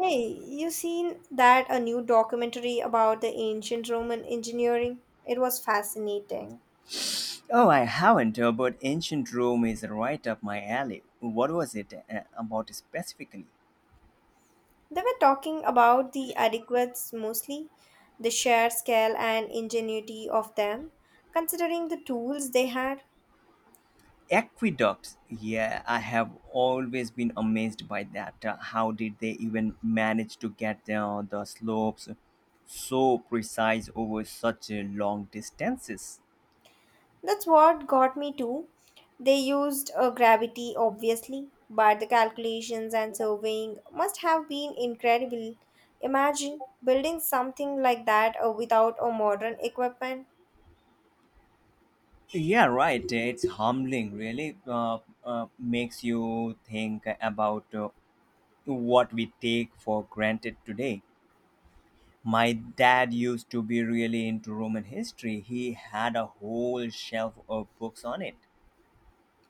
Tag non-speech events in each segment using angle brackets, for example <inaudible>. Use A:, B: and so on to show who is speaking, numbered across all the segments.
A: Hey, you seen that a new documentary about the ancient Roman engineering? It was fascinating.
B: Oh, I haven't, but ancient Rome is right up my alley. What was it about specifically?
A: They were talking about the adequates mostly, the sheer scale and ingenuity of them, considering the tools they had.
B: Aqueducts. Yeah, I have always been amazed by that. How did they even manage to get the slopes so precise over such long distances?
A: That's what got me too. They used gravity, obviously, but the calculations and surveying must have been incredible. Imagine building something like that without a modern equipment.
B: Yeah, right. It's humbling, really. Makes you think about what we take for granted today. My dad used to be really into Roman history. He had a whole shelf of books on it.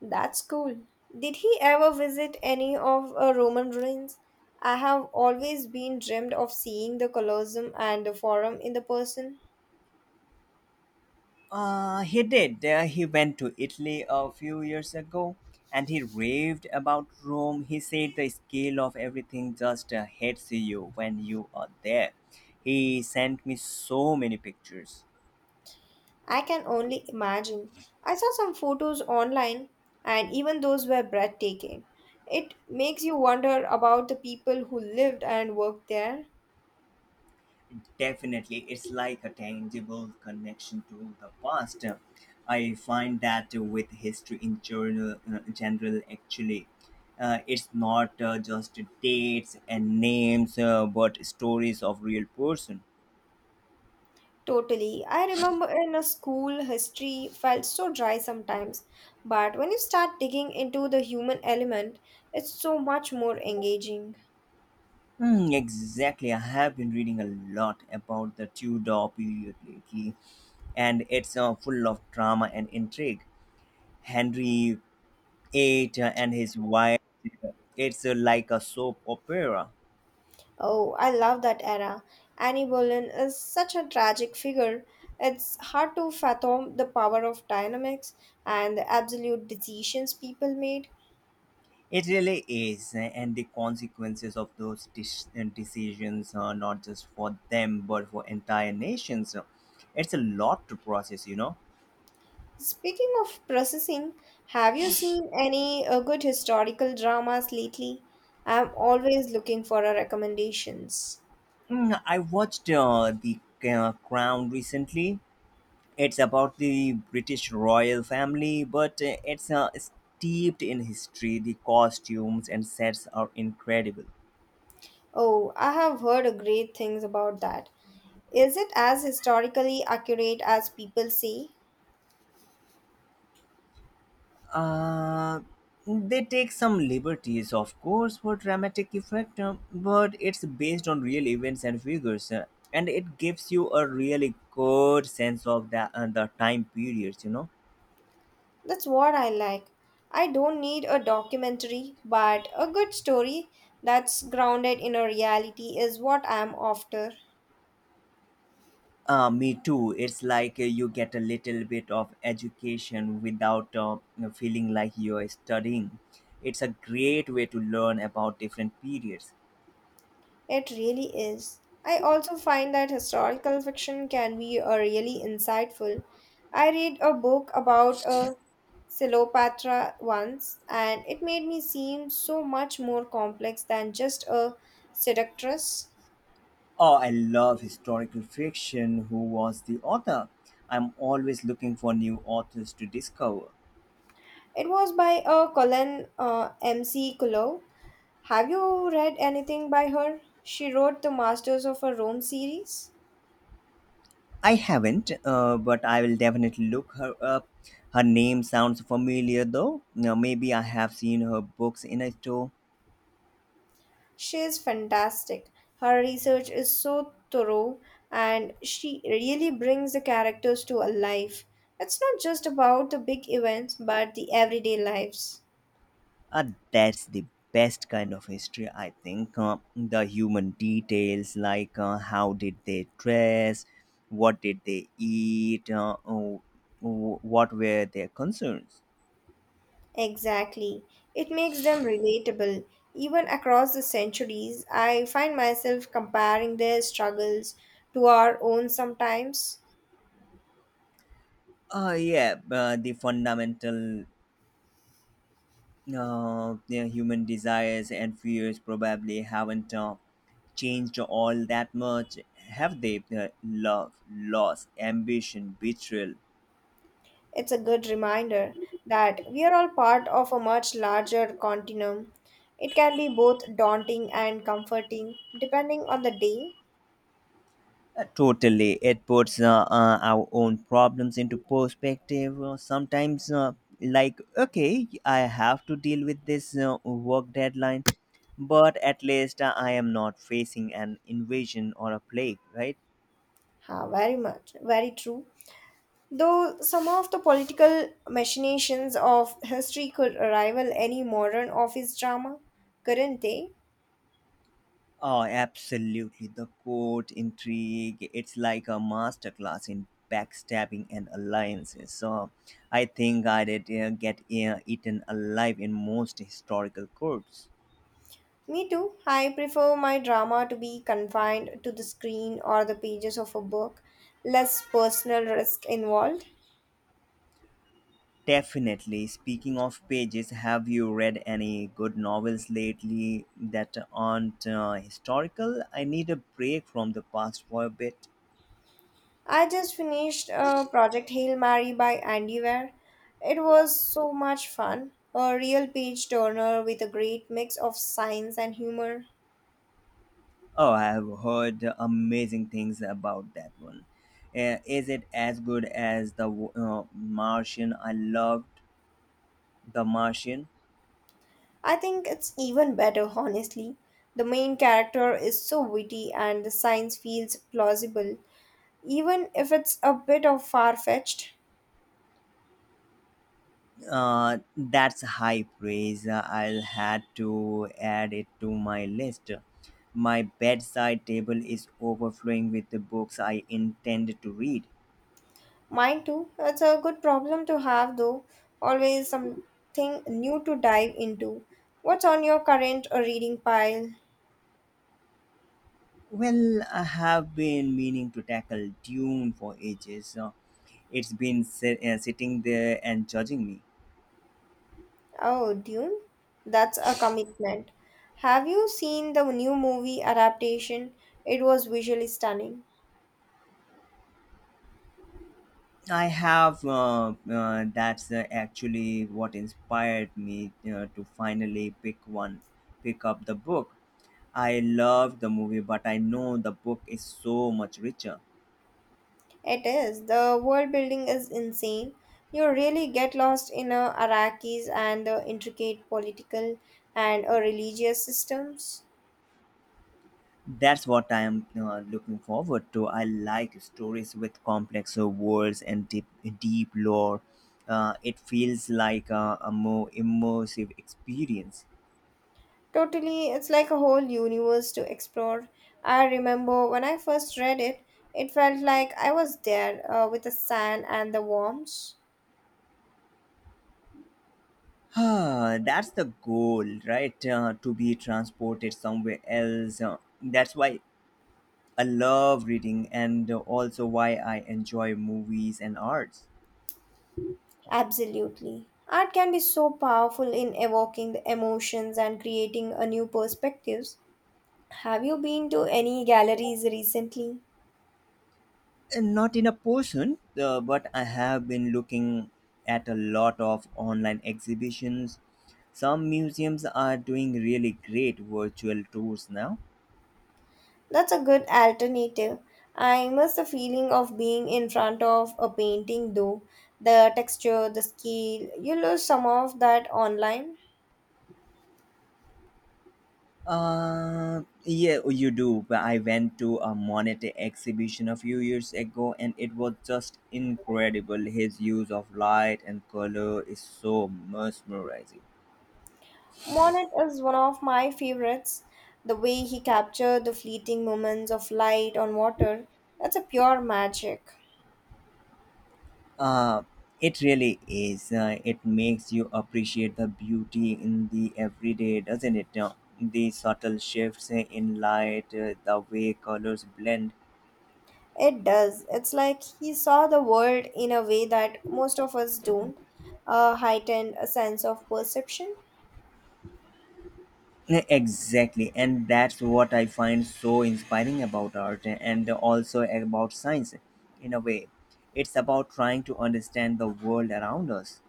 A: That's cool. Did he ever visit any of Roman ruins? I have always been dreamed of seeing the Colosseum and the Forum in the person.
B: He did. He went to Italy a few years ago and he raved about Rome. He said the scale of everything just hits you when you are there. He sent me so many pictures.
A: I can only imagine. I saw some photos online, and even those were breathtaking. It makes you wonder about the people who lived and worked there.
B: Definitely, it's like a tangible connection to the past. I find that with history in general, general actually, it's not just dates and names, but stories of real person.
A: Totally. I remember in a school, history felt so dry sometimes, but when you start digging into the human element, it's so much more engaging.
B: Exactly, I have been reading a lot about the Tudor period lately, and it's full of drama and intrigue. Henry VIII and his wife, it's like a soap opera.
A: Oh, I love that era. Annie Boleyn is such a tragic figure. It's hard to fathom the power of dynamics and the absolute decisions people made.
B: It really is, and the consequences of those decisions are not just for them but for entire nations. It's a lot to process, you know.
A: Speaking of processing, have you seen any good historical dramas lately? I'm always looking for recommendations.
B: I watched the Crown recently. It's about the British royal family, but it's steeped in history. The costumes and sets are incredible.
A: Oh, I have heard great things about that. Is it as historically accurate as people say?
B: Uh, they take some liberties, of course, for dramatic effect, but it's based on real events and figures, and it gives you a really good sense of the the time periods. You know,
A: That's what I like. I don't need a documentary, but a good story that's grounded in a reality is what I'm after.
B: me too. It's like you get a little bit of education without feeling like you're studying. It's a great way to learn about different periods.
A: It really is. I also find that historical fiction can be a really insightful. I read a book about a Cleopatra once, and it made me seem so much more complex than just a seductress.
B: Oh, I love historical fiction. Who was the author? I'm always looking for new authors to discover.
A: It was by Colin M.C. Kulo. Have you read anything by her? She wrote the Masters of her Rome series.
B: I haven't, but I will definitely look her up. Her name sounds familiar though. Now, maybe I have seen her books in a store.
A: She is fantastic. Her research is so thorough and she really brings the characters to a life. It's not just about the big events but the everyday lives.
B: Uh, that's the best kind of history, I think. The human details, like how did they dress, what did they eat, oh, what were their concerns.
A: Exactly. It makes them relatable. Even across the centuries, I find myself comparing their struggles to our own sometimes.
B: Yeah, the fundamental the human desires and fears probably haven't changed all that much, have they? Love, loss, ambition, betrayal.
A: It's a good reminder that we are all part of a much larger continuum. It can be both daunting and comforting depending on the day.
B: Totally. It puts our own problems into perspective. Sometimes, like, okay, I have to deal with this work deadline, but at least I am not facing an invasion or a plague, right?
A: Ha! Very much, very true. Though some of the political machinations of history could rival any modern office drama, couldn't they?
B: Oh, absolutely. The court intrigue, it's like a masterclass in backstabbing and alliances. So I think I did get eaten alive in most historical courts.
A: Me too. I prefer my drama to be confined to the screen or the pages of a book, less personal risk involved.
B: Definitely. Speaking of pages, have you read any good novels lately that aren't historical? I need a break from the past for a bit.
A: I just finished Project Hail Mary by Andy Weir. It was so much fun, a real page turner with a great mix of science and humor.
B: Oh, I have heard amazing things about that one. Is it as good as the Martian? I loved the Martian.
A: I think it's even better, <laughs> honestly. The main character is so witty and the science feels plausible, even if it's a bit of far fetched.
B: That's high praise. I'll have to add it to my list. My bedside table is overflowing with the books I intend to read.
A: Mine too. It's a good problem to have, though. Always something new to dive into. What's on your current reading pile?
B: Well, I have been meaning to tackle Dune for ages. It's been sitting there and judging me.
A: Oh, Dune? That's a commitment. Have you seen the new movie adaptation? It was visually stunning.
B: I have. That's Actually what inspired me to finally pick up the book. I love the movie, but I know the book is so much richer.
A: It is. The world building is insane. You really get lost in a Iraqis and the intricate political and religious systems.
B: That's what I am looking forward to. I like stories with complex worlds and deep, deep lore. It feels like a more immersive experience.
A: Totally, it's like a whole universe to explore. I remember when I first read it, it felt like I was there with the sand and the worms.
B: Ah, that's the goal, right? To be transported somewhere else. That's why I love reading and also why I enjoy movies and arts.
A: Absolutely. Art can be so powerful in evoking the emotions and creating a new perspectives. Have you been to any galleries recently?
B: And not in a person, but I have been looking at a lot of online exhibitions. Some museums are doing really great virtual tours now.
A: That's a good alternative. I miss the feeling of being in front of a painting though. The texture, the scale, you lose some of that online.
B: Yeah, oh, you do. But I went to a Monet exhibition a few years ago, and it was just incredible. His use of light and color is so mesmerizing.
A: Monet is one of my favorites. The way he captured the fleeting moments of light on water, that's a pure magic.
B: Uh, it really is. It makes you appreciate the beauty in the everyday, doesn't it? The subtle shifts in light, the way colors blend.
A: It does. It's like he saw the world in a way that most of us don't. A heightened sense of perception.
B: Yeah, exactly, and that's what I find so inspiring about art and also about science in a way. It's about trying to understand the world around us.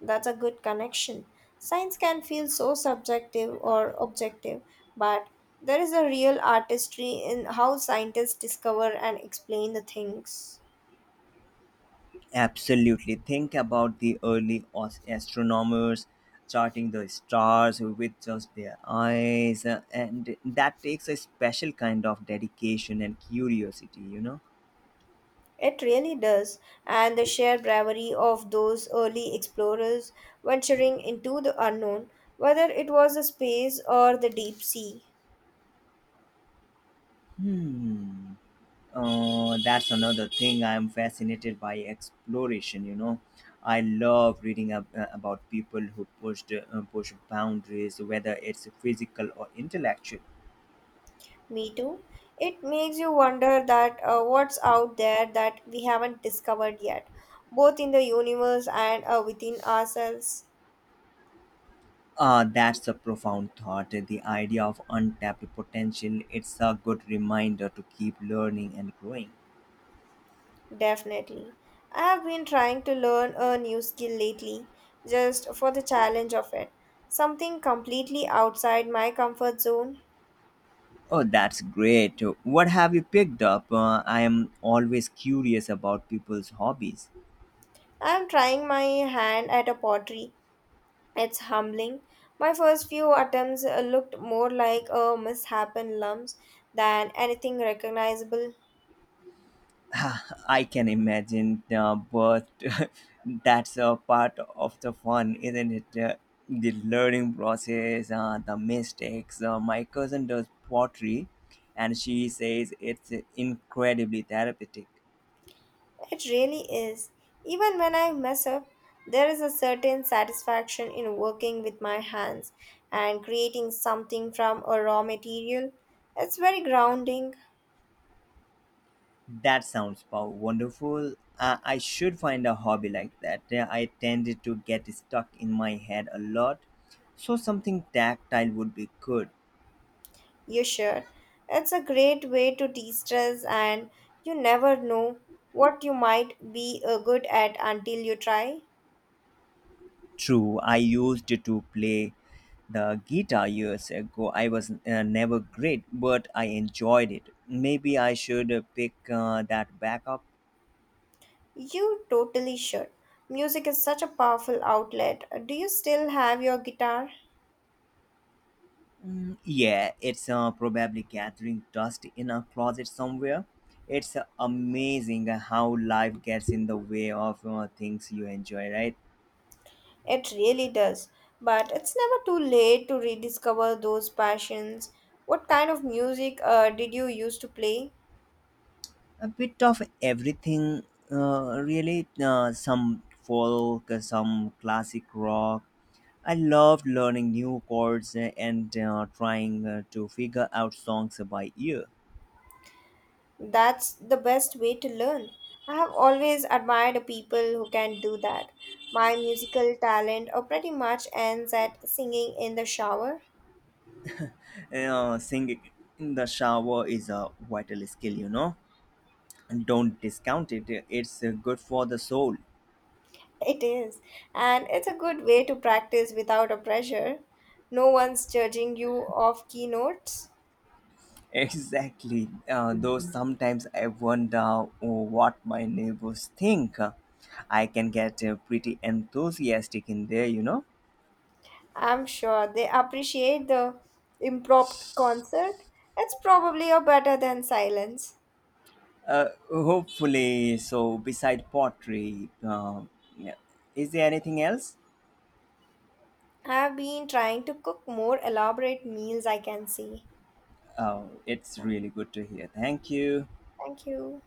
A: That's a good connection. Science can feel so subjective or objective, but there is a real artistry in how scientists discover and explain the things.
B: Absolutely. Think about the early astronomers charting the stars with just their eyes, and that takes a special kind of dedication and curiosity, you know?
A: It really does. And the sheer bravery of those early explorers venturing into the unknown, whether it was the space or the deep sea.
B: Hmm. That's another thing I'm fascinated by exploration. You know, I love reading about people who pushed boundaries, whether it's physical or intellectual.
A: Me too. It makes you wonder that what's out there that we haven't discovered yet, both in the universe and within ourselves.
B: That's a profound thought. The idea of untapped potential. It's a good reminder to keep learning and growing.
A: Definitely. I have been trying to learn a new skill lately, just for the challenge of it. Something completely outside my comfort zone.
B: Oh, that's great. What have you picked up? I am always curious about people's hobbies.
A: I am trying my hand at a pottery. It's humbling. My first few attempts looked more like a mishappen lumps than anything recognizable.
B: <laughs> I can imagine, but <laughs> that's a part of the fun, isn't it? The learning process, the mistakes. My cousin does pottery, and she says it's incredibly therapeutic.
A: It really is. Even when I mess up, there is a certain satisfaction in working with my hands and creating something from a raw material. It's very grounding,
B: That sounds wonderful. I should find a hobby like that. I tended to get stuck in my head a lot, so something tactile would be good.
A: you sure. It's a great way to de stress, and you never know what you might be good at until you try.
B: True, I used to play the guitar years ago. I was never great, but I enjoyed it. Maybe I should pick that back up.
A: You totally should. Music is such a powerful outlet. Do you still have your guitar?
B: Yeah, it's probably gathering dust in a closet somewhere. It's amazing how life gets in the way of things you enjoy, right?
A: It really does. But it's never too late to rediscover those passions. What kind of music did you used to play?
B: A bit of everything, really. Some folk, some classic rock, I loved learning new chords and trying to figure out songs by ear.
A: That's the best way to learn. I have always admired people who can do that. My musical talent pretty much ends at singing in the shower.
B: Singing in the shower is a vital skill, you know, and don't discount it. It's good for the soul. <laughs>
A: <laughs> It is. And it's a good way to practice without a pressure. No one's judging you off keynotes.
B: Exactly. Though sometimes I wonder what my neighbors think. I can get pretty enthusiastic in there, you know.
A: I'm sure they appreciate the impromptu concert. It's probably a better than silence.
B: Uh, Hopefully, so beside pottery, yeah. is there anything else?
A: I've been trying to cook more elaborate meals I can see.
B: Oh, it's
A: Yeah,
B: really good to hear. Thank you.
A: thank you.